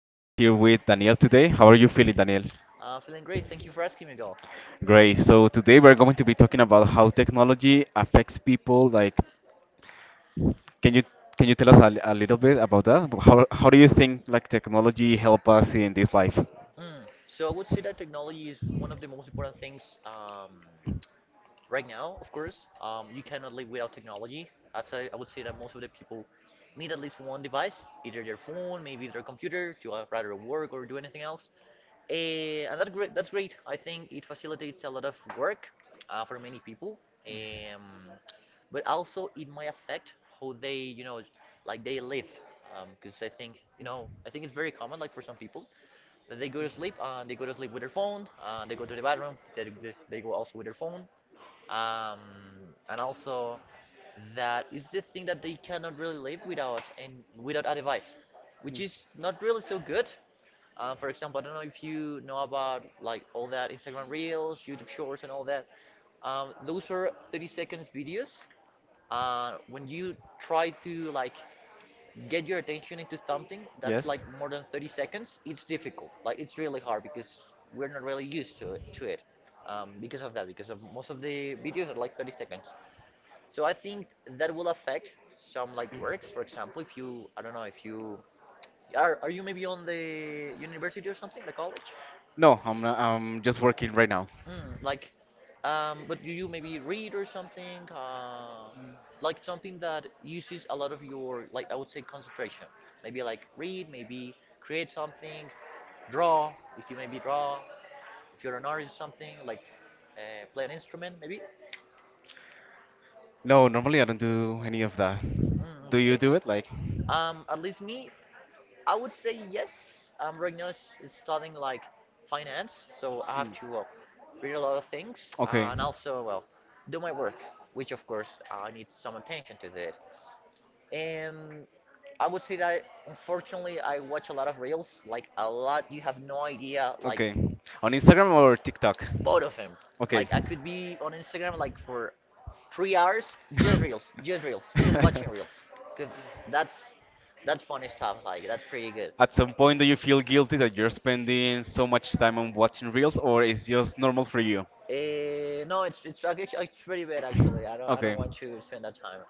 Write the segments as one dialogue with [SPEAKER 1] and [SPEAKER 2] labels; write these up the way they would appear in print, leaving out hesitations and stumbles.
[SPEAKER 1] I am here with Daniel today. How are you feeling, Daniel?
[SPEAKER 2] Feeling great. Thank you for asking, Miguel.
[SPEAKER 1] Great. So today we're going to be talking about how technology affects people. Like, can you can you tell us a little bit about that? How do you think like technology help us in this life?
[SPEAKER 2] Mm. So I would say that technology is one of the most important things right now, of course, you cannot live without technology. As I would say that most of the people need at least one device, either their phone, maybe their computer, to rather work or do anything else. And that great, that's great. I think it facilitates a lot of work for many people. Um, but also it might affect how they, like they live. Because I think, I think it's very common, like for some people, that they go to sleep, they go to sleep with their phone, they go to the bathroom, they go also with their phone, um, and also that is the thing that they cannot really live without and without a device, which is not really so good. For example, I don't know if you know about like all that Instagram Reels, YouTube Shorts, and all that. Those are 30 seconds videos. When you try to like get your attention into something that's
[SPEAKER 1] Yes.
[SPEAKER 2] like more than 30 seconds, it's difficult, like it's really hard, because we're not really used to it. Because of that, because of most of the videos are like 30 seconds, so I think that will affect some like works. For example, if you, I don't know if you are you maybe on the university or something, the college?
[SPEAKER 1] No, I'm not, I'm just working right now.
[SPEAKER 2] Mm, like, but do you maybe read or something? Like something that uses a lot of your, like, I would say, concentration. Maybe like read, maybe create something, draw, if you maybe draw, if you're an artist, or something, like play an instrument, maybe?
[SPEAKER 1] No, normally I don't do any of that.
[SPEAKER 2] Mm,
[SPEAKER 1] Do you
[SPEAKER 2] okay.
[SPEAKER 1] do it? Like,
[SPEAKER 2] At least me, I would say yes. Right now s- is studying like finance, so I have
[SPEAKER 1] hmm.
[SPEAKER 2] to read a lot of things,
[SPEAKER 1] Okay.
[SPEAKER 2] and also well do my work, which of course I need some attention to that. And I would say that unfortunately I watch a lot of reels, like a lot. You have no idea, like
[SPEAKER 1] Okay. On Instagram or TikTok?
[SPEAKER 2] both of them.
[SPEAKER 1] Okay.
[SPEAKER 2] Like I could be on Instagram like for 3 hours, just reels, just reels, just watching reels, because that's that's funny stuff. Like that's pretty good.
[SPEAKER 1] At some point, do you feel guilty that you're spending so much time on watching reels, or it's just normal for you?
[SPEAKER 2] No, it's actually it's pretty bad actually. I don't I don't
[SPEAKER 1] Okay.
[SPEAKER 2] want to spend that time,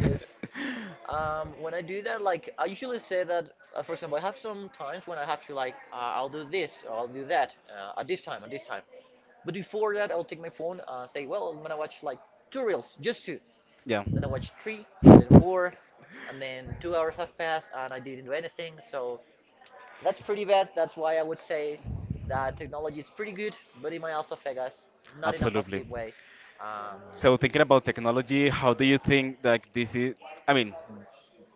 [SPEAKER 2] cause when I do that, like I usually say that for example, I have some times when I have to like I'll do this or I'll do that at this time at this time. But before that, I'll take my phone, say well I'm gonna watch like two reels, just two.
[SPEAKER 1] Yeah.
[SPEAKER 2] Then I watch three and then four, and then 2 hours have passed and I didn't do anything. So that's pretty bad. That's why I would say that technology is pretty good, but it might also affect us, not in a
[SPEAKER 1] Absolutely.
[SPEAKER 2] positive way. Um,
[SPEAKER 1] So thinking about technology, how do you think that this is? I mean,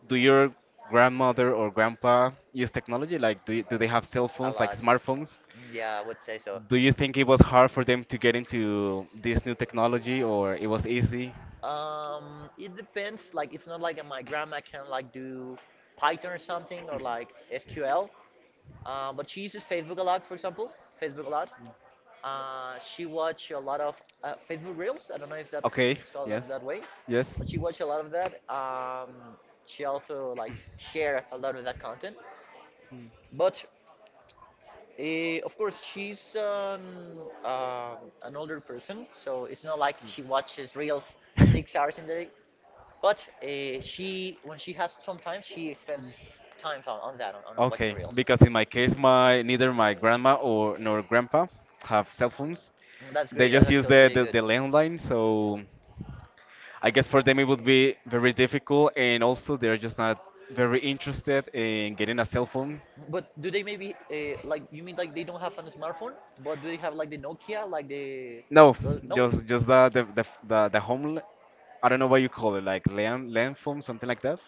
[SPEAKER 1] do your grandmother or grandpa use technology? Like, do you, do they have cell
[SPEAKER 2] a
[SPEAKER 1] phones, like
[SPEAKER 2] lot.
[SPEAKER 1] smartphones?
[SPEAKER 2] Mm, yeah, I would say so.
[SPEAKER 1] Do you think it was hard for them to get into this new technology, or it was easy?
[SPEAKER 2] It depends. Like, it's not like my grandma can like do Python or something or like SQL. But she uses Facebook a lot, for example. Facebook a lot. She watched a lot of Facebook Reels. I don't know if that's
[SPEAKER 1] Okay.
[SPEAKER 2] it's called that,
[SPEAKER 1] Yes.
[SPEAKER 2] that way,
[SPEAKER 1] Yes.
[SPEAKER 2] but she watched a lot of that. She also like share a lot of that content.
[SPEAKER 1] Mm.
[SPEAKER 2] But of course, she's an older person, so it's not like she watches Reels 6 hours in the day. But she when she has some time, she spends time on that, on watching
[SPEAKER 1] Okay,
[SPEAKER 2] Reels.
[SPEAKER 1] because in my case, my neither my grandma or nor grandpa have cell phones.
[SPEAKER 2] That's
[SPEAKER 1] They
[SPEAKER 2] great. That's
[SPEAKER 1] just use
[SPEAKER 2] actually
[SPEAKER 1] the
[SPEAKER 2] pretty
[SPEAKER 1] the,
[SPEAKER 2] good.
[SPEAKER 1] the landline, so I guess for them it would be very difficult, and also they're just not very interested in getting a cell phone.
[SPEAKER 2] But do they maybe like you mean like they don't have a smartphone, but do they have like the Nokia, like
[SPEAKER 1] No,
[SPEAKER 2] the no?
[SPEAKER 1] just the home. I don't know what you call it, like land phone, something like that.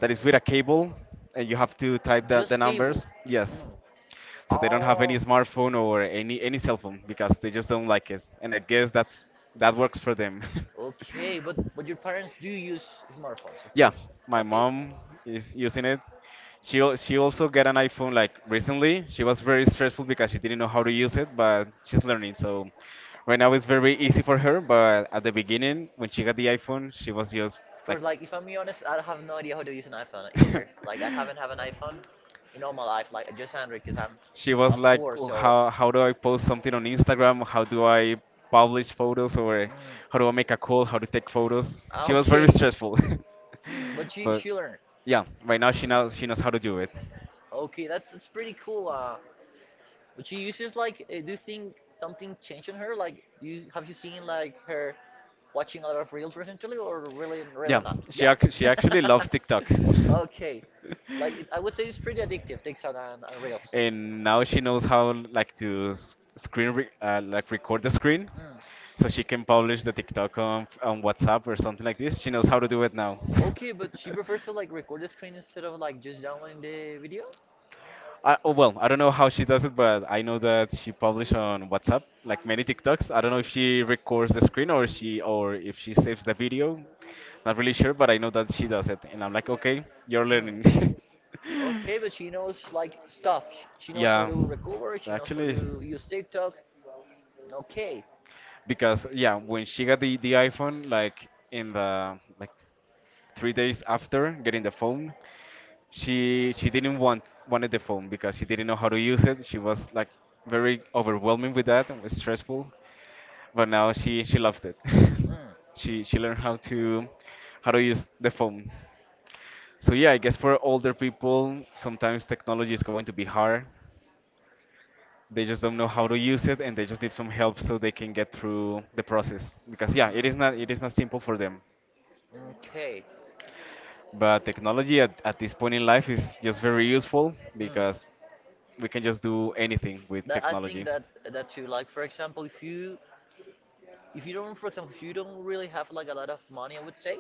[SPEAKER 1] That is with a cable, and you have to type the
[SPEAKER 2] Just cable.
[SPEAKER 1] numbers. Yes.
[SPEAKER 2] Mm.
[SPEAKER 1] So they don't have any
[SPEAKER 2] Oh,
[SPEAKER 1] smartphone or any cell phone because they just don't like it, and I guess that works for them.
[SPEAKER 2] okay. But your parents do use smartphones, of
[SPEAKER 1] Yeah,
[SPEAKER 2] course.
[SPEAKER 1] my
[SPEAKER 2] Okay.
[SPEAKER 1] mom is using it. She also got an iPhone, like, recently. She was very stressful because she didn't know how to use it, but she's learning, so right now it's very easy for her. But at the beginning, when she got the iPhone, she was just
[SPEAKER 2] Of
[SPEAKER 1] like,
[SPEAKER 2] course, like if I'm being honest, I have no idea how to use an iPhone either. Like I haven't have an iPhone in all my life. Like I just Android because I'm
[SPEAKER 1] She was
[SPEAKER 2] I'm
[SPEAKER 1] like,
[SPEAKER 2] poor.
[SPEAKER 1] "Oh,
[SPEAKER 2] So.
[SPEAKER 1] how do I post something on Instagram? How do I publish photos? Or
[SPEAKER 2] Mm.
[SPEAKER 1] how do I make a call? How to take photos?"
[SPEAKER 2] Ah,
[SPEAKER 1] She was very
[SPEAKER 2] okay.
[SPEAKER 1] stressful.
[SPEAKER 2] Hmm, but
[SPEAKER 1] But
[SPEAKER 2] she learned.
[SPEAKER 1] yeah, right now she
[SPEAKER 2] Mhm.
[SPEAKER 1] knows how to do it.
[SPEAKER 2] Okay, that's pretty cool. But she uses like, do you think something changed on her? Like, do you, have you seen like her watching a lot of reels recently, or really really
[SPEAKER 1] Yeah,
[SPEAKER 2] not? Yeah.
[SPEAKER 1] she actually loves TikTok.
[SPEAKER 2] Okay, like it, I would say it's pretty addictive, TikTok and reels.
[SPEAKER 1] And now she knows how, like, to like record the screen
[SPEAKER 2] Mm.
[SPEAKER 1] so she can publish the TikTok on WhatsApp or something like this. She knows how to do it now.
[SPEAKER 2] Okay, but she prefers to like record the screen instead of like just downloading the video?
[SPEAKER 1] Oh, well, I don't know how she does it, but I know that she published on WhatsApp like many TikToks. I don't know if she records the screen or if she saves the video. Not really sure, but I know that she does it, and I'm like, okay, you're
[SPEAKER 2] Mm,
[SPEAKER 1] learning.
[SPEAKER 2] okay, but she knows like stuff. Sh- She knows how
[SPEAKER 1] Yeah,
[SPEAKER 2] to recover. She knows how
[SPEAKER 1] actually,
[SPEAKER 2] to use TikTok. Okay.
[SPEAKER 1] because yeah, when she got the iPhone, like in the, like, 3 days after getting the phone, she didn't want wanted the phone because she didn't know how to use it. She was like very overwhelming with that and was stressful, but now she loves it.
[SPEAKER 2] Mm.
[SPEAKER 1] She learned how to use the phone. So yeah, I guess for older people, sometimes technology is going to be hard. They just don't know how to use it, and they just need some help so they can get through the process because yeah, it is not
[SPEAKER 2] Mm,
[SPEAKER 1] it is not simple for them.
[SPEAKER 2] mm. Okay.
[SPEAKER 1] But technology at this point in life is just very useful
[SPEAKER 2] Mm.
[SPEAKER 1] because we can just do anything with
[SPEAKER 2] That I think
[SPEAKER 1] technology.
[SPEAKER 2] that that's you. Like for example, if you don't, for example, if you don't really have like a lot of money, I would say,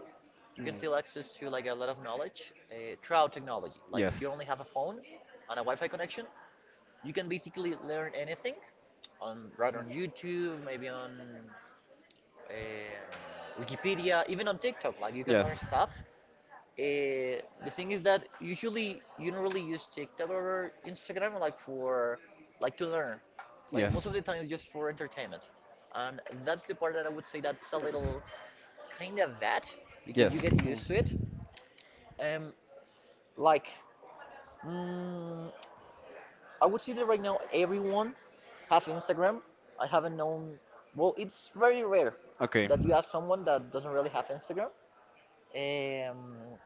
[SPEAKER 2] you can
[SPEAKER 1] Hmm.
[SPEAKER 2] still access to like a lot of knowledge throughout technology. Like if
[SPEAKER 1] Yes.
[SPEAKER 2] you only have a phone and a Wi-Fi connection, you can basically learn anything on right on YouTube, maybe on um Wikipedia, even on TikTok. Like you can learn
[SPEAKER 1] Yes.
[SPEAKER 2] stuff. Uh, the thing is that usually you don't really use TikTok or Instagram like for like to learn. Like most
[SPEAKER 1] Yes.
[SPEAKER 2] of the time, it's just for entertainment, and that's the part that I would say that's a little kind of that because you
[SPEAKER 1] Yes.
[SPEAKER 2] get
[SPEAKER 1] Hmm.
[SPEAKER 2] used to it. Um, like, mm, I would say that right now everyone has Instagram. I haven't known. Well, it's very rare
[SPEAKER 1] Okay.
[SPEAKER 2] that you ask someone that doesn't really have Instagram. Um,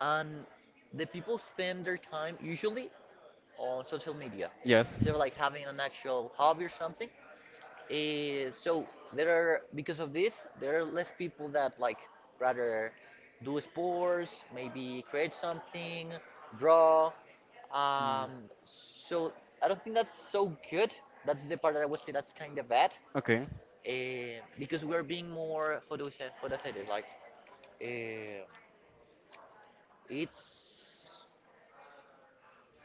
[SPEAKER 2] and the people spend their time usually on social media
[SPEAKER 1] Yes.
[SPEAKER 2] instead of like having an actual hobby or something. So there are, because of this, there are less people that like rather do sports, maybe create something, draw.
[SPEAKER 1] Mm.
[SPEAKER 2] So I don't think that's so good. That's the part that I would say that's kind of bad.
[SPEAKER 1] Okay.
[SPEAKER 2] Because we're being more, how do we say, how do I say it, like uh, it's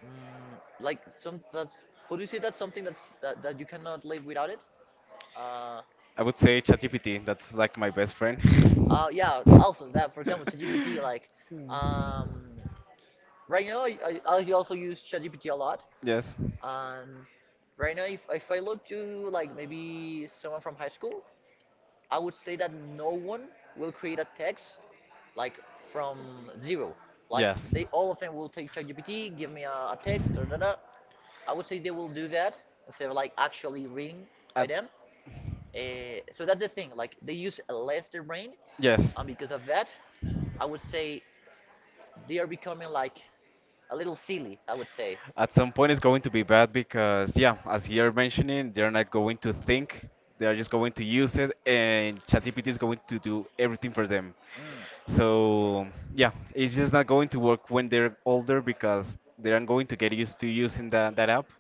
[SPEAKER 2] mm, like some that's how do you say that's something that's that, that you cannot live without it. Uh,
[SPEAKER 1] I would say ChatGPT. That's like my best friend.
[SPEAKER 2] Yeah. Also, that for example, ChatGPT. Like,
[SPEAKER 1] Mm.
[SPEAKER 2] um, right now I also use ChatGPT a lot.
[SPEAKER 1] Yes.
[SPEAKER 2] And right now, if I look to like maybe someone from high school, I would say that no one will create a text like from zero. Like they all of them will take ChatGPT, give me a text or da da. I would say they will do that instead of like actually reading by them. So that's the thing. Like they use less their brain,
[SPEAKER 1] Yes.
[SPEAKER 2] and because of that, I would say they are becoming like a little silly, I would say.
[SPEAKER 1] At some point, it's going to be bad because, yeah, as you're mentioning, they're not going to think. They are just going to use it, and ChatGPT is going to do everything for them.
[SPEAKER 2] Mm,
[SPEAKER 1] So, yeah, it's just not going to work when they're older because they aren't going to get used to using that app,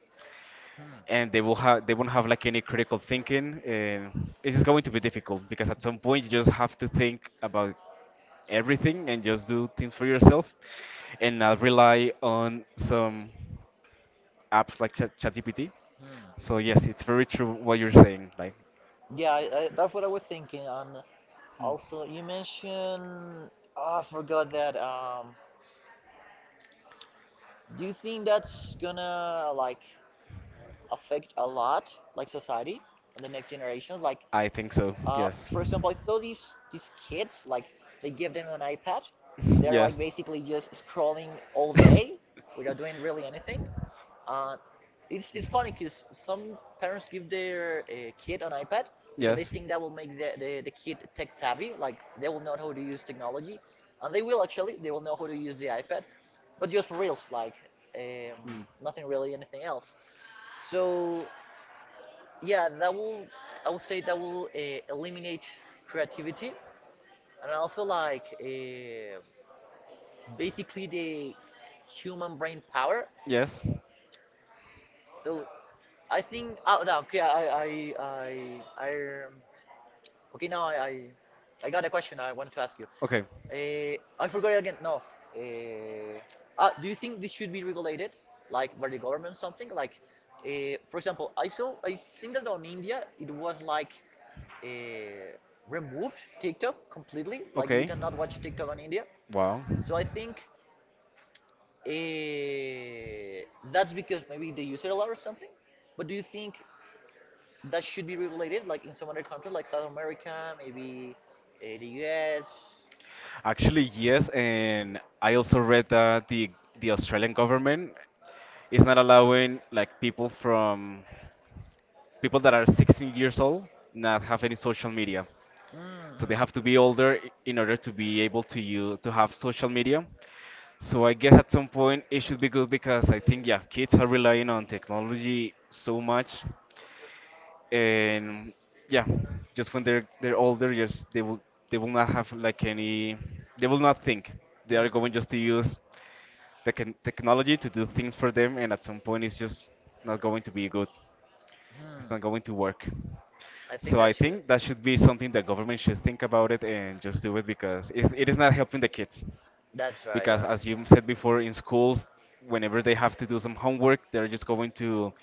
[SPEAKER 2] hmm,
[SPEAKER 1] and they won't have like any critical thinking, and it's just going to be difficult because at some point you just have to think about everything and just do things for yourself and not rely on some apps like ChatGPT.
[SPEAKER 2] hmm.
[SPEAKER 1] So yes, it's very true what you're saying. Like,
[SPEAKER 2] Yeah, that's what I was thinking. And also, you mentioned oh, I forgot that. Do you think that's gonna like affect a lot, like society and the next generation? Like,
[SPEAKER 1] I think so. Yes.
[SPEAKER 2] for example, I saw these kids like they give them an iPad and they're like
[SPEAKER 1] Yes.
[SPEAKER 2] basically just scrolling all day without doing really anything. Uh, it's funny because some parents give their kid an iPad because they
[SPEAKER 1] Yes.
[SPEAKER 2] think that will make the kid tech savvy, like they will know how to use technology, and they will actually. They will know how to use the iPad, but just for reals, like um,
[SPEAKER 1] Mm.
[SPEAKER 2] nothing really, anything else. So yeah, that will, I would say that will eliminate creativity and also like basically the human brain power.
[SPEAKER 1] Yes.
[SPEAKER 2] So I think oh no, okay, I um, okay now I got a question I wanted to ask you.
[SPEAKER 1] Okay.
[SPEAKER 2] I forgot it again. No. Uh, ah, do you think this should be regulated, like by the government something? Like, for example, I saw I think that on India it was like uh, removed TikTok completely. Like you
[SPEAKER 1] Okay.
[SPEAKER 2] cannot watch TikTok on India.
[SPEAKER 1] Wow.
[SPEAKER 2] So I think uh, that's because maybe they use it a lot or something. But do you think that should be regulated, like in some other countries, like South America, maybe the US.
[SPEAKER 1] Actually, yes, and I also read that the Australian government is not allowing like people that are 16 years old not have any social media. So they
[SPEAKER 2] Mm-hmm.
[SPEAKER 1] have to be older, in order to be able to have social media. So I guess at some point it should be good because I think yeah, kids are relying on technology so much, and yeah, just when they're older, just they will not have like any, they will not think. They
[SPEAKER 2] Mm.
[SPEAKER 1] are going just to use the technology to do things for them, and at some point it's just not going to be good. It's
[SPEAKER 2] Hmm.
[SPEAKER 1] not going to work.
[SPEAKER 2] I think
[SPEAKER 1] So
[SPEAKER 2] that
[SPEAKER 1] I
[SPEAKER 2] too.
[SPEAKER 1] think that should be something that government should think about it and just do it because it is not helping the kids.
[SPEAKER 2] That's right.
[SPEAKER 1] Because as you said before, in schools, whenever they have to do some homework, they're just going to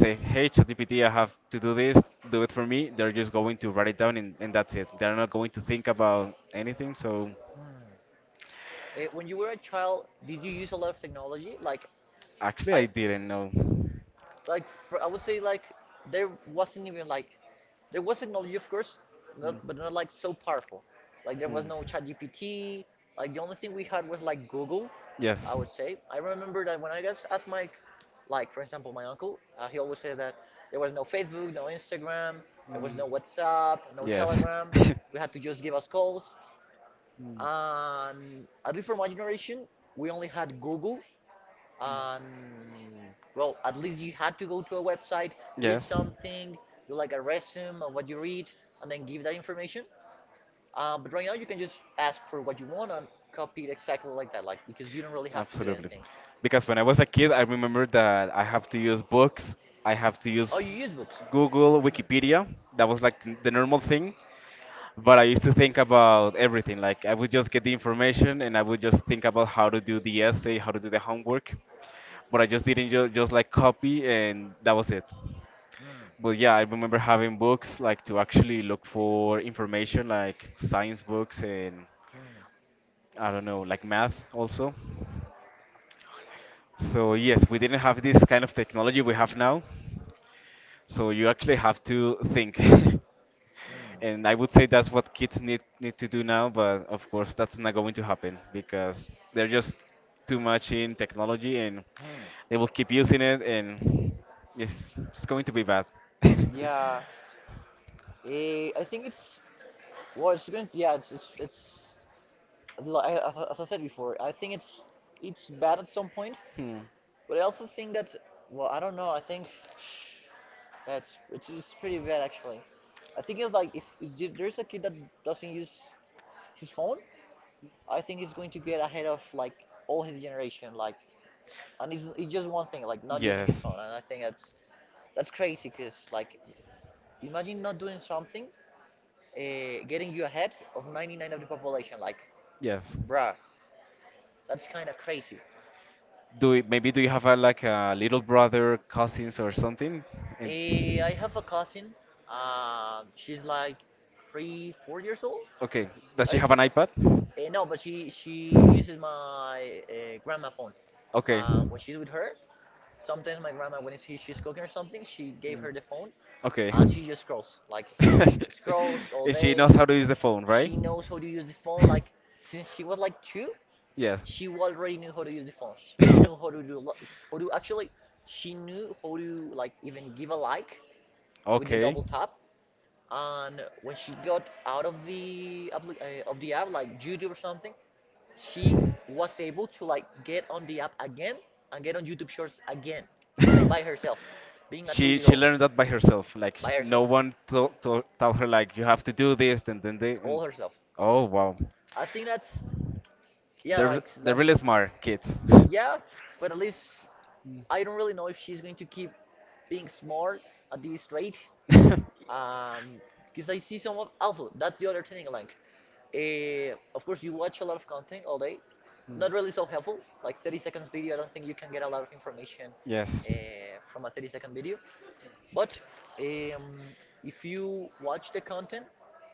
[SPEAKER 1] say, "Hey, ChatGPT, I have to do this. Do it for me." They're just going to write it down, and that's it. They're not going to think about anything. So
[SPEAKER 2] Hmm. When you were a child, did you use a lot of technology? Like,
[SPEAKER 1] actually,
[SPEAKER 2] I
[SPEAKER 1] I didn't know.
[SPEAKER 2] like for, I would say like there wasn't even like there was technology of course,
[SPEAKER 1] Mm.
[SPEAKER 2] not, but not like so powerful. Like there was
[SPEAKER 1] Mm.
[SPEAKER 2] no ChatGPT. Like the only thing we had was like Google.
[SPEAKER 1] Yes.
[SPEAKER 2] I would say. I remember that when I guess asked my like for example my uncle, he always said that there was no Facebook, no Instagram, there was
[SPEAKER 1] Mm.
[SPEAKER 2] no WhatsApp, no
[SPEAKER 1] Yes.
[SPEAKER 2] Telegram. We had to just give us calls.
[SPEAKER 1] Mm.
[SPEAKER 2] And at least for my generation, we only had Google, um, well, at least you had to go to a website, read
[SPEAKER 1] Yes.
[SPEAKER 2] something, do like a resume on what you read, and then give that information. But right now, you can just ask for what you want and copy it exactly like that, like because you don't really have to do
[SPEAKER 1] Absolutely.
[SPEAKER 2] anything.
[SPEAKER 1] Because when I was a kid, I remember that I have to use books, I have to use
[SPEAKER 2] Oh, you use books.
[SPEAKER 1] Google,
[SPEAKER 2] Mm.
[SPEAKER 1] Wikipedia. That was like the normal thing. But I used to think about everything. Like, I would just get the information and I would just think about how to do the essay, how to do the homework. But I just didn't ju just like copy, and that was it.
[SPEAKER 2] Mm.
[SPEAKER 1] But yeah, I remember having books like to actually look for information, like science books, and
[SPEAKER 2] Mm.
[SPEAKER 1] I don't know, like math also. So yes, we didn't have this kind of technology we have now. So you actually have to think.
[SPEAKER 2] Mm.
[SPEAKER 1] And I would say that's what kids need to do now, but of course that's not going to happen because they're just too much in technology, and
[SPEAKER 2] Hmm.
[SPEAKER 1] they will keep using it, and it's going to be bad.
[SPEAKER 2] Yeah, I think it's Well, it's going yeah, it's, li- as I said before, it's bad at some point,
[SPEAKER 1] Hmm.
[SPEAKER 2] but I also think that, well, I don't know, I think, that's it's pretty bad actually. I think it's like, if there's a kid that doesn't use his phone, I think he's going to get ahead of, like, all his generation, like, and it's just one thing, like, not using his
[SPEAKER 1] Yes.
[SPEAKER 2] phone, and that's crazy, because, like, imagine not doing something, getting you ahead of 99 of the population, like,
[SPEAKER 1] Yes.
[SPEAKER 2] bruh. That's kind of crazy.
[SPEAKER 1] Maybe do you have a, like, a little brother, cousins or something? And
[SPEAKER 2] Eh, I have a cousin. She's like three, 4 years old,
[SPEAKER 1] Okay, does she
[SPEAKER 2] I
[SPEAKER 1] have an
[SPEAKER 2] think.
[SPEAKER 1] iPad?
[SPEAKER 2] Eh, no, but she uses my grandma phone.
[SPEAKER 1] Okay,
[SPEAKER 2] When she's with her, sometimes my grandma, when she's cooking or something, she gave her the phone,
[SPEAKER 1] okay.
[SPEAKER 2] and she just
[SPEAKER 1] And
[SPEAKER 2] scrolls all
[SPEAKER 1] she
[SPEAKER 2] day.
[SPEAKER 1] knows how to use the phone, right?
[SPEAKER 2] She knows how to use the phone. Like since she was like two,
[SPEAKER 1] Yes.
[SPEAKER 2] she already knew how to use the phone. She knew how to do a lot. How to actually, she knew how to like even give a like with the
[SPEAKER 1] Okay.
[SPEAKER 2] double tap, and when she got out of the app like youtube or something, she was able to like get on the app again and get on youtube shorts again, like by herself, being a two
[SPEAKER 1] she
[SPEAKER 2] year
[SPEAKER 1] she
[SPEAKER 2] old,
[SPEAKER 1] learned that by herself. Like,
[SPEAKER 2] by
[SPEAKER 1] no
[SPEAKER 2] herself,
[SPEAKER 1] one told her like you have to do this and then they.
[SPEAKER 2] all herself.
[SPEAKER 1] Oh wow,
[SPEAKER 2] I think that's yeah
[SPEAKER 1] they're
[SPEAKER 2] like
[SPEAKER 1] they're really
[SPEAKER 2] that's
[SPEAKER 1] smart kids.
[SPEAKER 2] Yeah, but at least I don't really know if she's going to keep being smart at this rate.
[SPEAKER 1] Mm.
[SPEAKER 2] Um, because I see someone, also that's the other thing, like, of course you watch a lot of content all day,
[SPEAKER 1] Mm.
[SPEAKER 2] not really so helpful. Like 30 seconds video, I don't think you can get a lot of information
[SPEAKER 1] Yes.
[SPEAKER 2] from a 30-second video. But um, if you watch the content,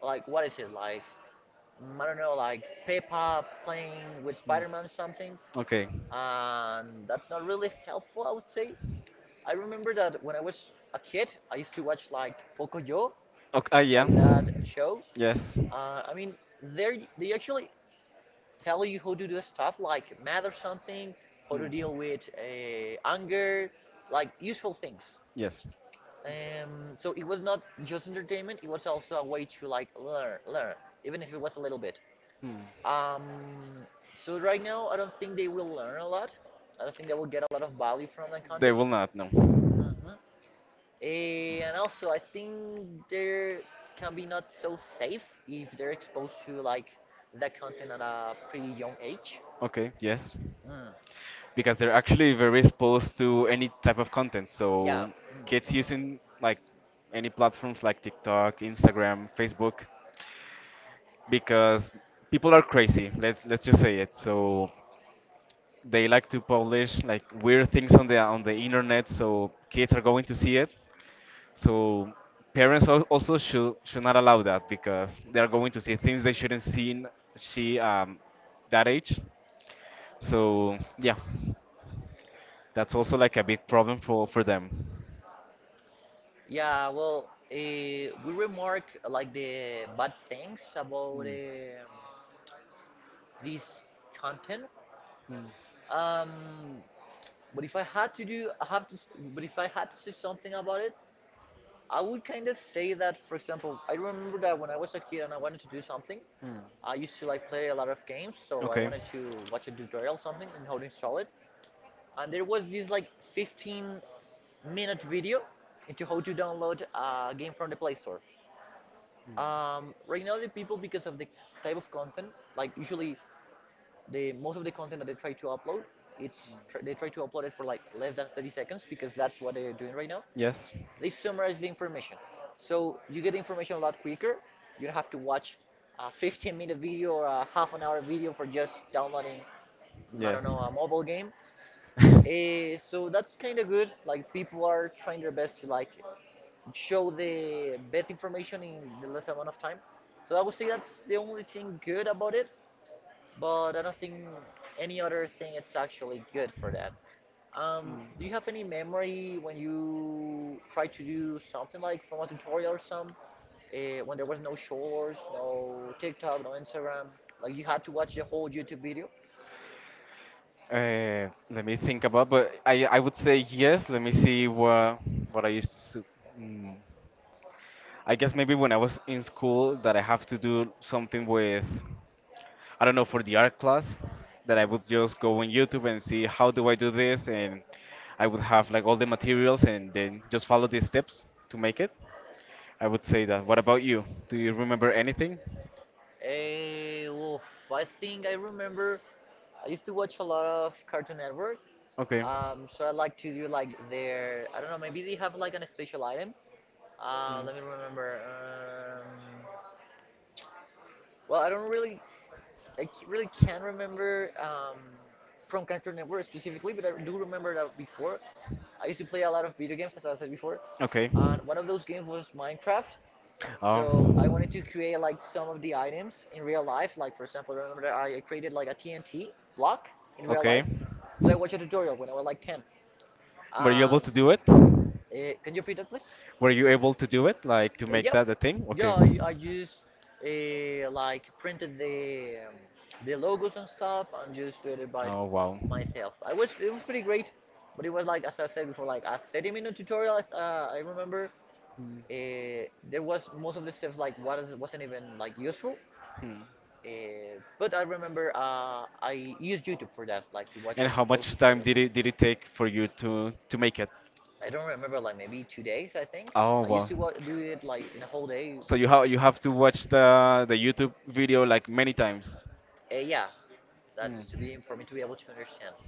[SPEAKER 2] like what is it like, I don't know, like Peppa playing with Spider-Man or something,
[SPEAKER 1] Okay.
[SPEAKER 2] and that's not really helpful, I would say. I remember that when I was a kid, I used to watch like Pocoyo,
[SPEAKER 1] Okay. Yeah.
[SPEAKER 2] like that show.
[SPEAKER 1] Yes. Hmm.
[SPEAKER 2] Uh, I mean, they actually tell you how to do stuff like math or something, how to deal with anger, like useful things.
[SPEAKER 1] Yes.
[SPEAKER 2] So it was not just entertainment; it was also a way to like learn, even if it was a little bit.
[SPEAKER 1] Hmm.
[SPEAKER 2] Um, so right now, I don't think they will learn a lot. I don't think they will get a lot of value from that
[SPEAKER 1] They
[SPEAKER 2] content.
[SPEAKER 1] will not know.
[SPEAKER 2] Hmm. And also, I think they can be not so safe if they're exposed to like that content at a pretty young age.
[SPEAKER 1] Okay. Yes.
[SPEAKER 2] Mm.
[SPEAKER 1] Because they're actually very exposed to any type of content.
[SPEAKER 2] Yeah.
[SPEAKER 1] So
[SPEAKER 2] Mm.
[SPEAKER 1] kids using like any platforms like TikTok, Instagram, Facebook, because people are crazy. Let's just say it. So they like to publish like weird things on the internet. So kids are going to see it. So parents also should not allow that because they are going to see things they shouldn't see. See, that age. So yeah, that's also like a
[SPEAKER 2] Mhm.
[SPEAKER 1] big problem for them.
[SPEAKER 2] Yeah. Well, we remark like the bad things about this content.
[SPEAKER 1] Mm.
[SPEAKER 2] Um, but if I had to do, I have to. S- But if I had to say something about it, I would kind of say that, for example, I remember that when I was a kid and I wanted to do something, I used to like play a lot of games, so I
[SPEAKER 1] Okay.
[SPEAKER 2] wanted to watch a tutorial or something and how to install it. And there was this like 15-minute video into how to download a game from the Play Store. Right now, the people, because of the type of content, like usually the most of the content that they try to upload, it's they try to upload it for like less than 30 seconds, because that's what they're doing right now.
[SPEAKER 1] Yes.
[SPEAKER 2] They summarize the information. So you get information a lot quicker. You don't have to watch a 15-minute video or a half an hour video for just downloading, I
[SPEAKER 1] Yeah.
[SPEAKER 2] don't know, a mobile game. So that's kind of good. Like people are trying their best to like show the best information in the less amount of time. So I would say that's the only thing good about it. But I don't think any other thing is actually good for that. Do you have any memory when you tried to do something like from a tutorial or when there was no shorts, no TikTok, no Instagram, like you had to watch the
[SPEAKER 1] Mm.
[SPEAKER 2] whole YouTube video?
[SPEAKER 1] Let me think about, but I would say yes. Let me see what I used to. Mm. I guess maybe when I was in school that I have to do something with, I don't know, for the art class, that I would just go on YouTube and see how do I do this, and I would have like all the materials and then just follow these steps to make it. I would say that. What about you? Do you remember anything?
[SPEAKER 2] Eh, oof, I think I remember I used to watch a lot of Cartoon Network.
[SPEAKER 1] Okay. Okay.
[SPEAKER 2] So I like to do like their, I don't know, maybe they have like an special item. Let me remember. I don't really I c- really can't remember from Cartoon Network specifically, but I do remember that before, I used to play a lot of video games, as I said before, and one of those games was Minecraft.
[SPEAKER 1] Oh.
[SPEAKER 2] So I wanted to create like some of the items in real life. Like for example, remember that I created like a TNT block in real
[SPEAKER 1] Okay.
[SPEAKER 2] life. So I watched a tutorial when I was like 10.
[SPEAKER 1] Were you able to
[SPEAKER 2] Um,
[SPEAKER 1] do it?
[SPEAKER 2] eh, can you repeat that, please?
[SPEAKER 1] Were you able to do it, like to make
[SPEAKER 2] Yep.
[SPEAKER 1] that a thing?
[SPEAKER 2] Yeah,
[SPEAKER 1] Okay.
[SPEAKER 2] I just like printed the logos and stuff and just did it by
[SPEAKER 1] Oh wow.
[SPEAKER 2] myself. I was It was pretty great, but it was like, as I said before, like a 30-minute tutorial. I remember
[SPEAKER 1] Hmm.
[SPEAKER 2] uh, there was most of the stuff, like wasn't even like useful.
[SPEAKER 1] Hmm.
[SPEAKER 2] But I remember, I used YouTube for that, like to watch
[SPEAKER 1] And
[SPEAKER 2] all
[SPEAKER 1] how
[SPEAKER 2] those
[SPEAKER 1] much time
[SPEAKER 2] tutorials.
[SPEAKER 1] did it take for you to make it?
[SPEAKER 2] I don't remember, like maybe 2 days, I think.
[SPEAKER 1] Oh
[SPEAKER 2] I
[SPEAKER 1] well.
[SPEAKER 2] used to wa do it like in a whole day.
[SPEAKER 1] So you have to watch the YouTube video like many times.
[SPEAKER 2] Yeah, that's to be for me to be able to understand.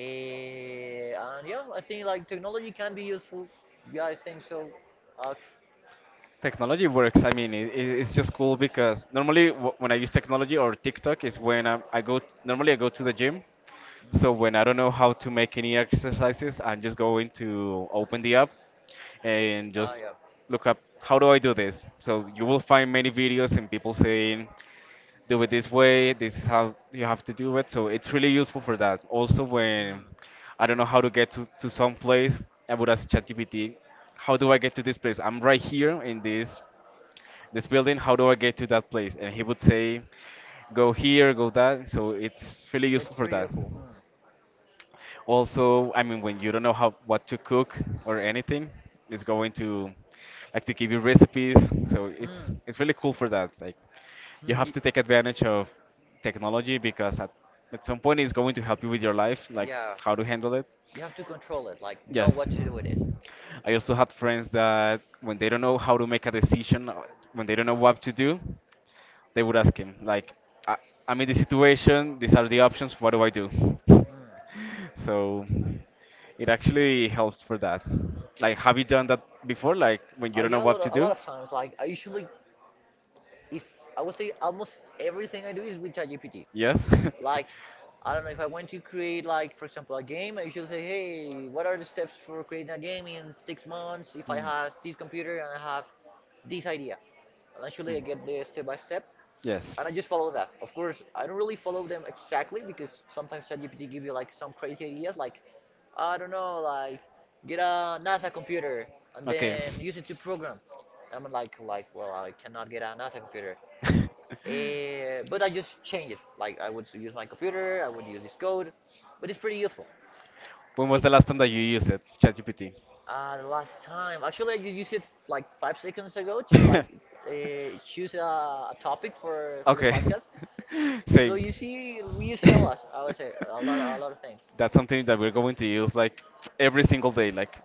[SPEAKER 2] And yeah, I
[SPEAKER 1] Mm
[SPEAKER 2] think like technology can be useful. Yeah, I think so. Uh,
[SPEAKER 1] Technology works. I mean, it's just cool because normally when I use technology or TikTok is when normally I go to the gym. So
[SPEAKER 2] mm.
[SPEAKER 1] when I don't know how to make any exercises, I'm just going to open the app and
[SPEAKER 2] Ah,
[SPEAKER 1] just
[SPEAKER 2] yeah.
[SPEAKER 1] look up how do I do this, so you will find many videos and people saying do it this way. This is how you have to do it. So it's really useful for that. Also, when I don't know how to get to some place, I would ask ChatGPT, how do I get to this place? I'm right here in this building. How do I get to that place? And he would say, go
[SPEAKER 2] Hmm.
[SPEAKER 1] here, go that. So it's really useful
[SPEAKER 2] It's
[SPEAKER 1] for
[SPEAKER 2] pretty
[SPEAKER 1] that.
[SPEAKER 2] awful.
[SPEAKER 1] Also, I mean, when you don't know how what to cook or anything, it's going to like to give you recipes. So
[SPEAKER 2] Hmm.
[SPEAKER 1] it's
[SPEAKER 2] Hmm.
[SPEAKER 1] it's really cool for that. Like you
[SPEAKER 2] Hmm.
[SPEAKER 1] have
[SPEAKER 2] Y-.
[SPEAKER 1] to take advantage of technology because at some point it's going to help you with your life, like
[SPEAKER 2] Yeah.
[SPEAKER 1] how to handle it.
[SPEAKER 2] You have to control it. Like know
[SPEAKER 1] Yes.
[SPEAKER 2] what to do with it.
[SPEAKER 1] I also had friends that when they don't know how to make a decision, when they don't know what to do, they would ask him like I, I'm in this situation. These are the options. What do I do?
[SPEAKER 2] Hmm.
[SPEAKER 1] So it actually helps for that. Like have you done that before, like when you don't know
[SPEAKER 2] Yeah. A
[SPEAKER 1] what
[SPEAKER 2] lot.
[SPEAKER 1] to
[SPEAKER 2] A
[SPEAKER 1] do?
[SPEAKER 2] lot of times. Like I usually, if, I would say almost everything I do is with ChatGPT.
[SPEAKER 1] Yes.
[SPEAKER 2] Like I don't know if I want to create, like for example a game. I usually say, hey, what are the steps for creating a game in 6 months? If I
[SPEAKER 1] Mm.
[SPEAKER 2] have this computer and I have this idea, and actually I
[SPEAKER 1] Mm.
[SPEAKER 2] get the step by step.
[SPEAKER 1] Yes.
[SPEAKER 2] And I just follow that. Of course, I don't really follow them exactly because sometimes ChatGPT give you like some crazy ideas, like I don't know, like get a NASA computer and
[SPEAKER 1] Okay.
[SPEAKER 2] then use it to program. I'm like, well, I cannot get a NASA computer. But I just change it. Like I would use my computer, I would use this code, but it's pretty useful.
[SPEAKER 1] When was
[SPEAKER 2] Eh,
[SPEAKER 1] the last time that you used it, ChatGPT?
[SPEAKER 2] the last time, actually, I used it like 5 seconds ago to like choose a topic for okay.
[SPEAKER 1] Okay.
[SPEAKER 2] The podcast. So
[SPEAKER 1] Same.
[SPEAKER 2] you see, we use it a lot. I would say a lot of things.
[SPEAKER 1] That's something that we're going to use like every single day, like.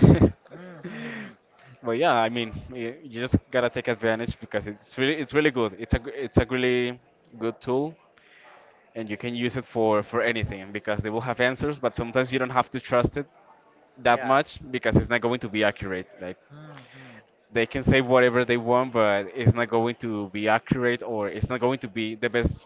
[SPEAKER 2] Mm-hmm.
[SPEAKER 1] But yeah, I mean, you just gotta take advantage because it's really good. It's a gr- it's a really good tool, and you can use it for anything because they will have answers. But sometimes you don't have to trust it that
[SPEAKER 2] Yeah.
[SPEAKER 1] much because it's not going to be accurate. Like
[SPEAKER 2] Mm-hmm.
[SPEAKER 1] they can say whatever they want, but it's not going to be accurate, or it's not going to be the best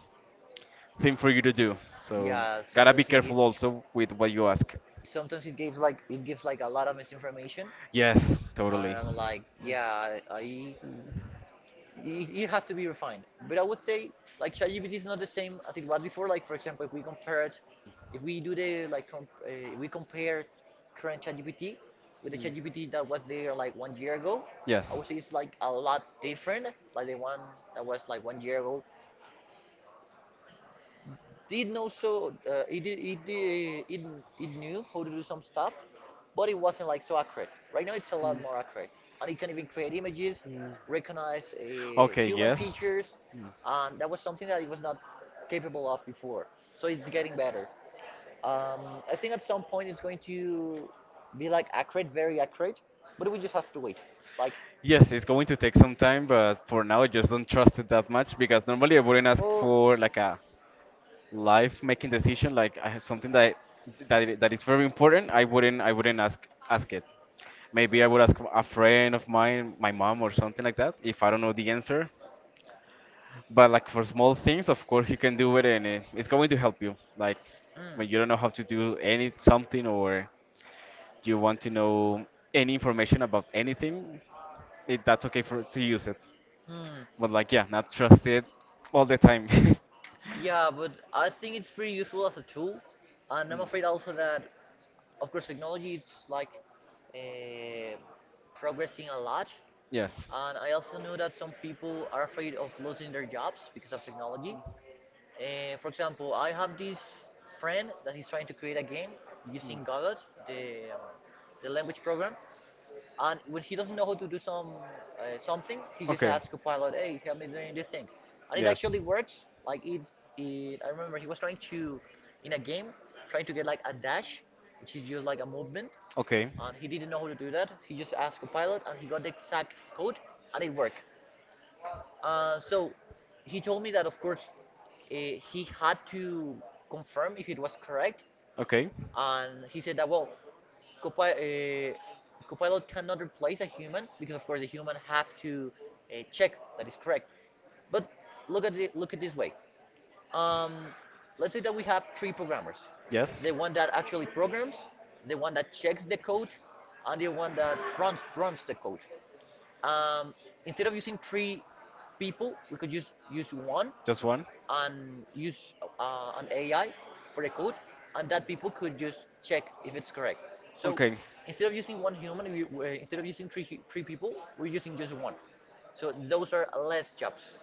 [SPEAKER 1] thing for you to do. So
[SPEAKER 2] Yeah.
[SPEAKER 1] gotta be
[SPEAKER 2] Sometimes it gives,
[SPEAKER 1] careful also with what you ask.
[SPEAKER 2] Sometimes it gives like, it gives like a lot of misinformation,
[SPEAKER 1] Yes, totally.
[SPEAKER 2] and I'm like, yeah, I, it has to be refined. But I would say like ChatGPT is not the same as it was before. Like for example, if we compare it, if we do the like comp, if we compare current ChatGPT with the ChatGPT that was there like 1 year ago,
[SPEAKER 1] Yes.
[SPEAKER 2] also it's like a lot different, like the one that was like 1 year ago. Did know so it did it did it, It knew how to do some stuff, but it wasn't like so accurate. Right now, it's a
[SPEAKER 1] Hmm.
[SPEAKER 2] lot more accurate, and it can even create images,
[SPEAKER 1] Hmm.
[SPEAKER 2] recognize
[SPEAKER 1] Okay,
[SPEAKER 2] human
[SPEAKER 1] yes.
[SPEAKER 2] features,
[SPEAKER 1] Hmm.
[SPEAKER 2] and that was something that it was not capable of before. So it's getting better. I think at some point it's going to be like accurate, very accurate, but we just have to wait. Like,
[SPEAKER 1] Yes, it's going to take some time, but for now, I just don't trust it that much because normally I wouldn't ask for like a life-making decision, like I have something that is very important. I wouldn't ask it. Maybe I would ask a friend of mine, my mom or something like that, if I don't know the answer. But like for small things, of course you can do it, and it's going to help you. Like when you don't know how to do any something, or you want to know any information about anything, that's okay for to use it.
[SPEAKER 2] to oh, hmm,
[SPEAKER 1] But like, yeah, not trusted all the time.
[SPEAKER 2] hmm, Yeah, but I think it's pretty useful as a tool, and I'm afraid also that, of course, technology is like uh, progressing a lot,
[SPEAKER 1] Yes.
[SPEAKER 2] and I also know that some people are afraid of losing their jobs because of technology. For example, I have this friend that he's trying to create a game
[SPEAKER 1] Mm.
[SPEAKER 2] using Godot, the um, the language program. And when he doesn't know how to do something, he just
[SPEAKER 1] Okay.
[SPEAKER 2] asks Copilot, "Hey, help me doing this thing," and it
[SPEAKER 1] Yes.
[SPEAKER 2] actually works. I remember he was trying to, in a game, trying to get like a dash, which is just like a movement,
[SPEAKER 1] Okay.
[SPEAKER 2] and he didn't know how to do that. He just asked Copilot, and he got the exact code, and it worked. So he told me that, of course, uh, he had to confirm if it was correct,
[SPEAKER 1] Okay.
[SPEAKER 2] and he said that well, Copi- uh, Copilot cannot replace a human because, of course, the human have to check that is correct. But look at it, look at this way. Um, let's say that we have three programmers:
[SPEAKER 1] Yes.
[SPEAKER 2] the one that actually programs, the one that checks the code, and the one that runs the code. Um, Instead of using three people, we could just use one
[SPEAKER 1] Just one?
[SPEAKER 2] and use an AI for the code, and that people could just check if it's correct. So
[SPEAKER 1] Okay.
[SPEAKER 2] instead of using one human, instead of using three people, we're using just one. So those are less jobs.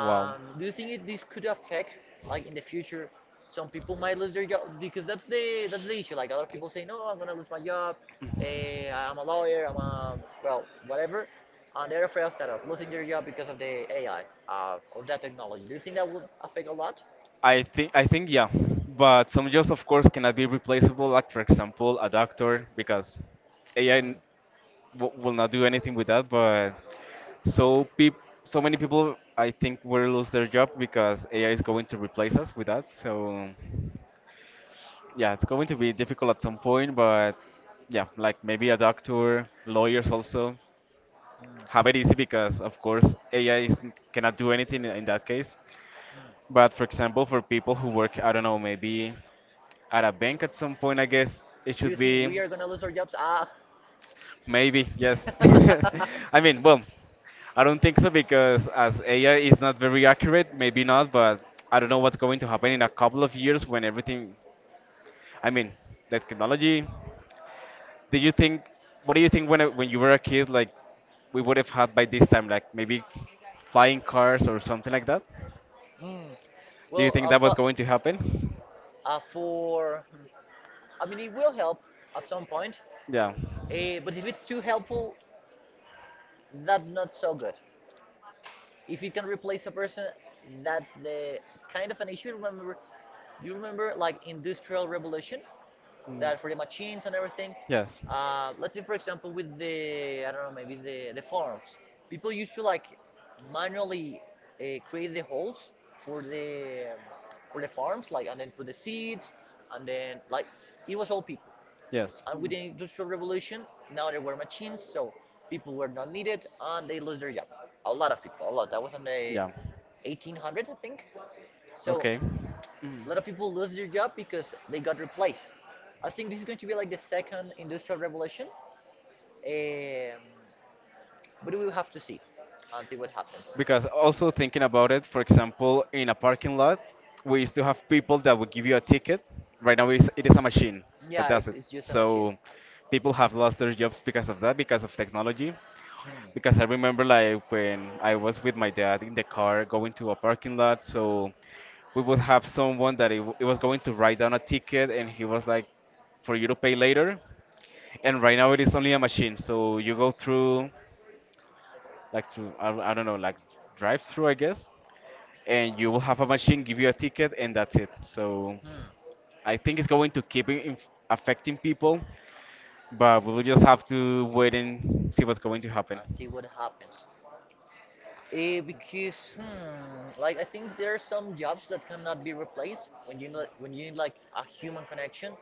[SPEAKER 1] Wow.
[SPEAKER 2] Do you think this could affect, like in the future, some people might lose their job? Because that's the issue. Like a lot of people say, no, I'm gonna lose my job. I'm a lawyer. I'm a well, whatever. And on the NFL of losing their job because of the AI, of that technology. Do you think that would affect a lot?
[SPEAKER 1] I think yeah, but some jobs of course cannot be replaceable, like for example a doctor, because AI
[SPEAKER 2] Mm,
[SPEAKER 1] will not do anything with that. But so peop- so many people I think will lose their job because AI is going to replace us with that. So yeah, it's going to be difficult at some point, but yeah, like maybe a doctor, lawyers also have it
[SPEAKER 2] mm,
[SPEAKER 1] easy because of course AI is, cannot do anything in that case.
[SPEAKER 2] mm.
[SPEAKER 1] But for example, for people who work, I don't know, maybe at a bank at some point, I guess it
[SPEAKER 2] Do you
[SPEAKER 1] should
[SPEAKER 2] think we
[SPEAKER 1] be
[SPEAKER 2] are gonna lose our jobs? Ah.
[SPEAKER 1] maybe, yes. I mean, well, I don't think so because as AI is not very accurate, maybe not, but I don't know what's going to happen in a couple of years when everything, I mean, the technology. Did you think, what do you think when you were a kid, like we would have had by this time, like maybe flying cars or something like that?
[SPEAKER 2] Mm.
[SPEAKER 1] Do you
[SPEAKER 2] Well,
[SPEAKER 1] think that was
[SPEAKER 2] but
[SPEAKER 1] going to happen?
[SPEAKER 2] for I mean, it will help at some point.
[SPEAKER 1] Yeah.
[SPEAKER 2] But if it's too helpful, that's not so good. If it can replace a person, that's the kind of an issue. Remember, do you remember like industrial revolution that for the machines and everything?
[SPEAKER 1] Yes.
[SPEAKER 2] Let's say for example with the I don't know maybe the farms. People used to like manually create the holes for the um, for the farms like and then put the seeds and then like it was all people.
[SPEAKER 1] Yes.
[SPEAKER 2] And with the industrial revolution, now there were machines, so people were not needed and they lost their job. A lot of people, a lot. That was in the 1800s, I think.
[SPEAKER 1] So
[SPEAKER 2] So
[SPEAKER 1] okay. Mm.
[SPEAKER 2] a lot of people lose their job because they got replaced. I think this is going to be like the second industrial revolution, um, but we will have to see and see what happens.
[SPEAKER 1] Because also thinking about it, for example, in a parking lot, we used to have people that would give you a ticket. Right now, it is a machine that
[SPEAKER 2] Yeah,
[SPEAKER 1] does it.
[SPEAKER 2] it's just a machine.
[SPEAKER 1] So people have lost their jobs because of that, because of technology.
[SPEAKER 2] Hmm.
[SPEAKER 1] Because I remember like when I was with my dad in the car going to a parking lot, so we would have someone that it was going to write down a ticket, and he was like, "For you to pay later." And right now, it is only a machine. So you go through, like through, I don't know, like drive through, I guess, and you will have a machine give you a ticket, and that's it. So
[SPEAKER 2] Hmm.
[SPEAKER 1] I think it's going to keep affecting people, but we'll just have to wait and see what's going to happen.
[SPEAKER 2] And see what happens. Like I think there are some jobs that cannot be replaced when when you need like a human connection.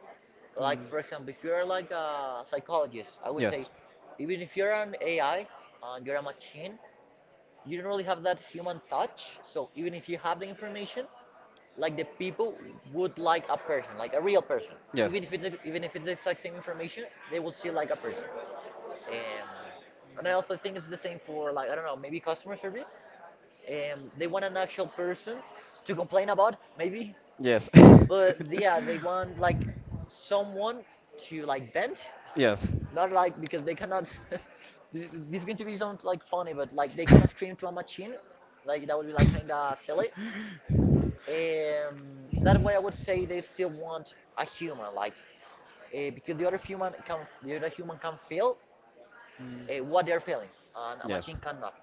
[SPEAKER 2] Like for example, if you're like a psychologist, I would
[SPEAKER 1] Yes,
[SPEAKER 2] say even if you're an AI and you're a machine, you don't really have that human touch. So even if you have the information, like the people would like a person, like a real person.
[SPEAKER 1] yes.
[SPEAKER 2] Even if it's the exact same information, they will see like a person. Um, and I also think it's the same for like I don't know, maybe customer service. They want an actual person to complain about, maybe.
[SPEAKER 1] Yes.
[SPEAKER 2] But yeah, they want like someone to like bend
[SPEAKER 1] Yes.
[SPEAKER 2] not like because they cannot. This is going to be sound like funny, but like they cannot scream to a machine. Like that would be like kind of silly. That way, I would say they still want a human, like because the other human can feel what they're feeling, and a
[SPEAKER 1] Yes.
[SPEAKER 2] machine cannot.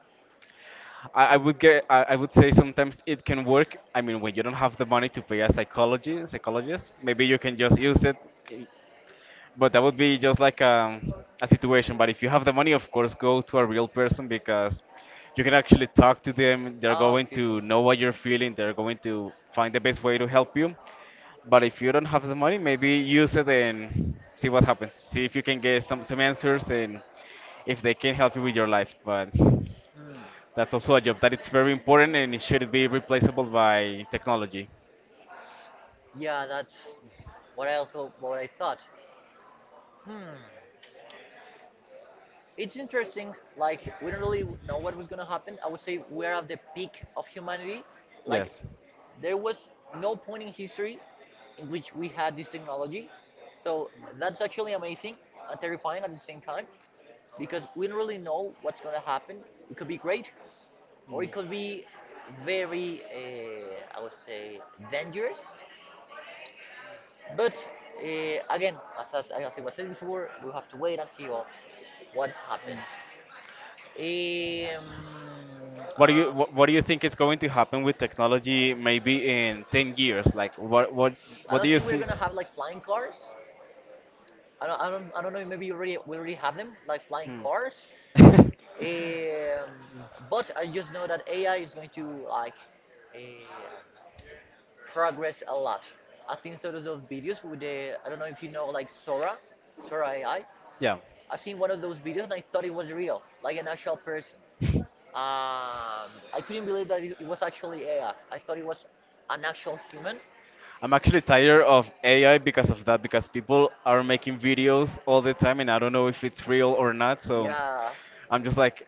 [SPEAKER 1] I would say sometimes it can work. I mean when you don't have the money to pay a psychology psychologist, maybe you can just use it. But that would be just like a situation. But if you have the money, of course, go to a real person because you can actually talk to them. They're
[SPEAKER 2] Ah,
[SPEAKER 1] going
[SPEAKER 2] okay.
[SPEAKER 1] to know what you're feeling. They're going to find the best way to help you. But if you don't have the money, maybe use it and see what happens. See if you can get some answers and if they can help you with your life. But
[SPEAKER 2] Hmm. Hmm.
[SPEAKER 1] that's also a job that it's very important, and it should be replaceable by technology.
[SPEAKER 2] Yeah, that's what I thought. Hmm. It's interesting. Like we don't really know what was gonna happen. I would say we're at the peak of humanity. Like
[SPEAKER 1] Yes.
[SPEAKER 2] there was no point in history in which we had this technology. So that's actually amazing and terrifying at the same time because we don't really know what's gonna happen. It could be great or it could be very, I would say, dangerous. But uh, again, as I was saying before, we have to wait and see what happens. Um, um,
[SPEAKER 1] What do you think is going to happen with technology maybe in 10 years? Like
[SPEAKER 2] I
[SPEAKER 1] what do
[SPEAKER 2] don't
[SPEAKER 1] you
[SPEAKER 2] think we're
[SPEAKER 1] see?
[SPEAKER 2] gonna have like flying cars. I don't know. Maybe you already we already have them like flying
[SPEAKER 1] Hmm.
[SPEAKER 2] cars. Um, but I just know that AI is going to like uh, progress a lot. I've seen sort of those videos with the I don't know if you know like Sora, Sora AI.
[SPEAKER 1] Yeah.
[SPEAKER 2] I've seen one of those videos and I thought it was real, like an actual person. I couldn't believe that it was actually AI. I thought it was an actual human.
[SPEAKER 1] I'm actually tired of AI because of that, because people are making videos all the time and I don't know if it's real or not. So
[SPEAKER 2] Yeah,
[SPEAKER 1] I'm just like,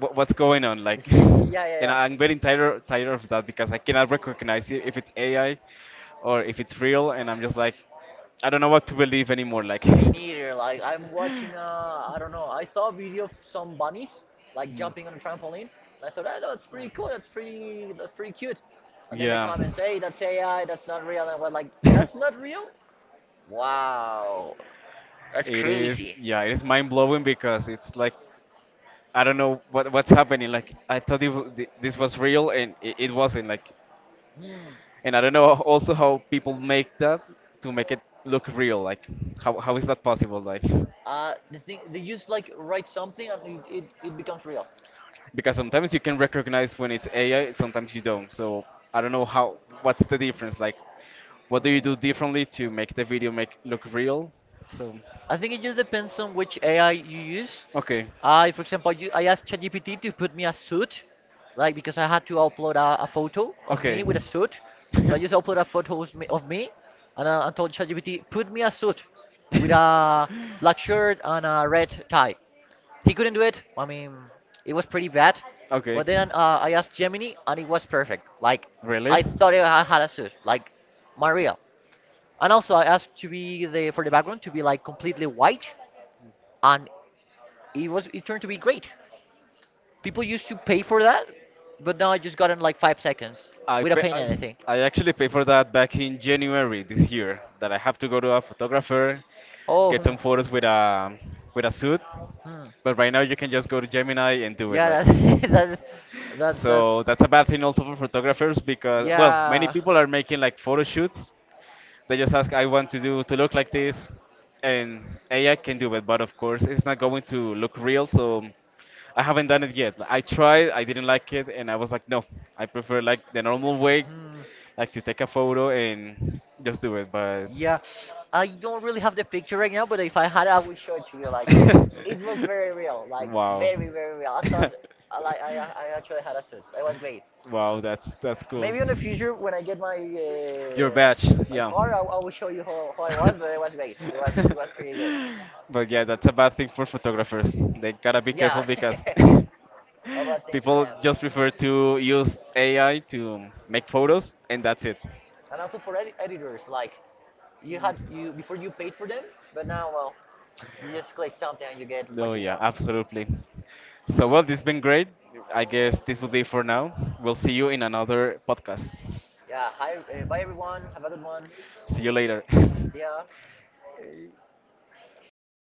[SPEAKER 1] What's going on?" Like,
[SPEAKER 2] yeah, yeah,
[SPEAKER 1] and
[SPEAKER 2] yeah.
[SPEAKER 1] I'm getting tired of that because I cannot recognize it if it's AI or if it's real. And I'm just like, I don't know what to believe anymore. Like,
[SPEAKER 2] Me neither. Like I'm watching, I don't know. I saw a video of some bunnies like
[SPEAKER 1] Mm.
[SPEAKER 2] jumping on a trampoline. And I thought, oh, that's pretty cool. That's pretty. That's pretty cute. And then they
[SPEAKER 1] Yeah.
[SPEAKER 2] come and say, that's AI. That's not real. And we're like, that's not real. Wow, that's
[SPEAKER 1] It is,
[SPEAKER 2] crazy.
[SPEAKER 1] yeah, it is mind blowing because it's like I don't know what's happening. Like I thought this was real and it wasn't. Like,
[SPEAKER 2] Hmm.
[SPEAKER 1] and I don't know also how people make that to make it look real. Like, how is that possible? Like,
[SPEAKER 2] The thing they just like write something and it becomes real.
[SPEAKER 1] because sometimes you can recognize when it's AI, sometimes you don't. So I don't know how what's the difference. Like, what
[SPEAKER 2] Hmm.
[SPEAKER 1] do you do differently to make the video make look real? So,
[SPEAKER 2] I think it just depends on which AI you use.
[SPEAKER 1] okay.
[SPEAKER 2] I, for example, you, I asked ChatGPT to put me a suit, like because I had to upload a photo of me
[SPEAKER 1] Okay.
[SPEAKER 2] with a suit. So I just uploaded a photo of of me and I told ChatGPT, put me a suit with a black shirt and a red tie. He couldn't do it. I mean, it was pretty bad. But
[SPEAKER 1] Okay.
[SPEAKER 2] then I asked Gemini, and it was perfect. Like,
[SPEAKER 1] Really?
[SPEAKER 2] I thought I had a suit, like Maria. And also, I asked to be the for the background to be like completely white, and it turned to be great. People used to pay for that, but now I just got in like 5 seconds
[SPEAKER 1] I,
[SPEAKER 2] without
[SPEAKER 1] pay,
[SPEAKER 2] paying anything.
[SPEAKER 1] I actually paid for that back in January this year. That I have to go to a photographer,
[SPEAKER 2] Oh,
[SPEAKER 1] get
[SPEAKER 2] hmm,
[SPEAKER 1] some photos with a suit.
[SPEAKER 2] hmm.
[SPEAKER 1] But right now you can just go to Gemini and do it like.
[SPEAKER 2] Yeah, that's
[SPEAKER 1] So that's a bad thing also for photographers because well, many
[SPEAKER 2] yeah,
[SPEAKER 1] people are making like photo shoots. They just ask, I want to do to look like this, and AI can do it, but of course it's not going to look real. So I haven't done it yet. I tried, I didn't like it, and I was like, no, I prefer like the normal way,
[SPEAKER 2] hmm,
[SPEAKER 1] like to take a photo and just do it. But
[SPEAKER 2] yeah. I don't really have the picture right now, but if I had, I would show it to you. Like, it looks very real, like
[SPEAKER 1] wow.
[SPEAKER 2] very very real. I thought I like I actually had a suit. It was great.
[SPEAKER 1] Wow, that's cool.
[SPEAKER 2] Maybe in the future when I get my
[SPEAKER 1] Your batch,
[SPEAKER 2] my
[SPEAKER 1] yeah.
[SPEAKER 2] car, I will show you how I was, but it was great. It was pretty good.
[SPEAKER 1] But yeah, that's a bad thing for photographers. They gotta be careful
[SPEAKER 2] Yeah,
[SPEAKER 1] because
[SPEAKER 2] a bad thing for
[SPEAKER 1] people
[SPEAKER 2] them,
[SPEAKER 1] just prefer to use AI to make photos, and that's it.
[SPEAKER 2] and also for editors. Like you
[SPEAKER 1] Mm.
[SPEAKER 2] had you before you paid for them, but now well, you just click something and you get
[SPEAKER 1] No,
[SPEAKER 2] what you
[SPEAKER 1] yeah,
[SPEAKER 2] want.
[SPEAKER 1] absolutely. So, well,
[SPEAKER 2] Mm.
[SPEAKER 1] this has been great. I guess this will be for now. We'll see you in another podcast.
[SPEAKER 2] Yeah. Hi. Bye everyone. Have a good one.
[SPEAKER 1] See you later.
[SPEAKER 2] See ya. Hello.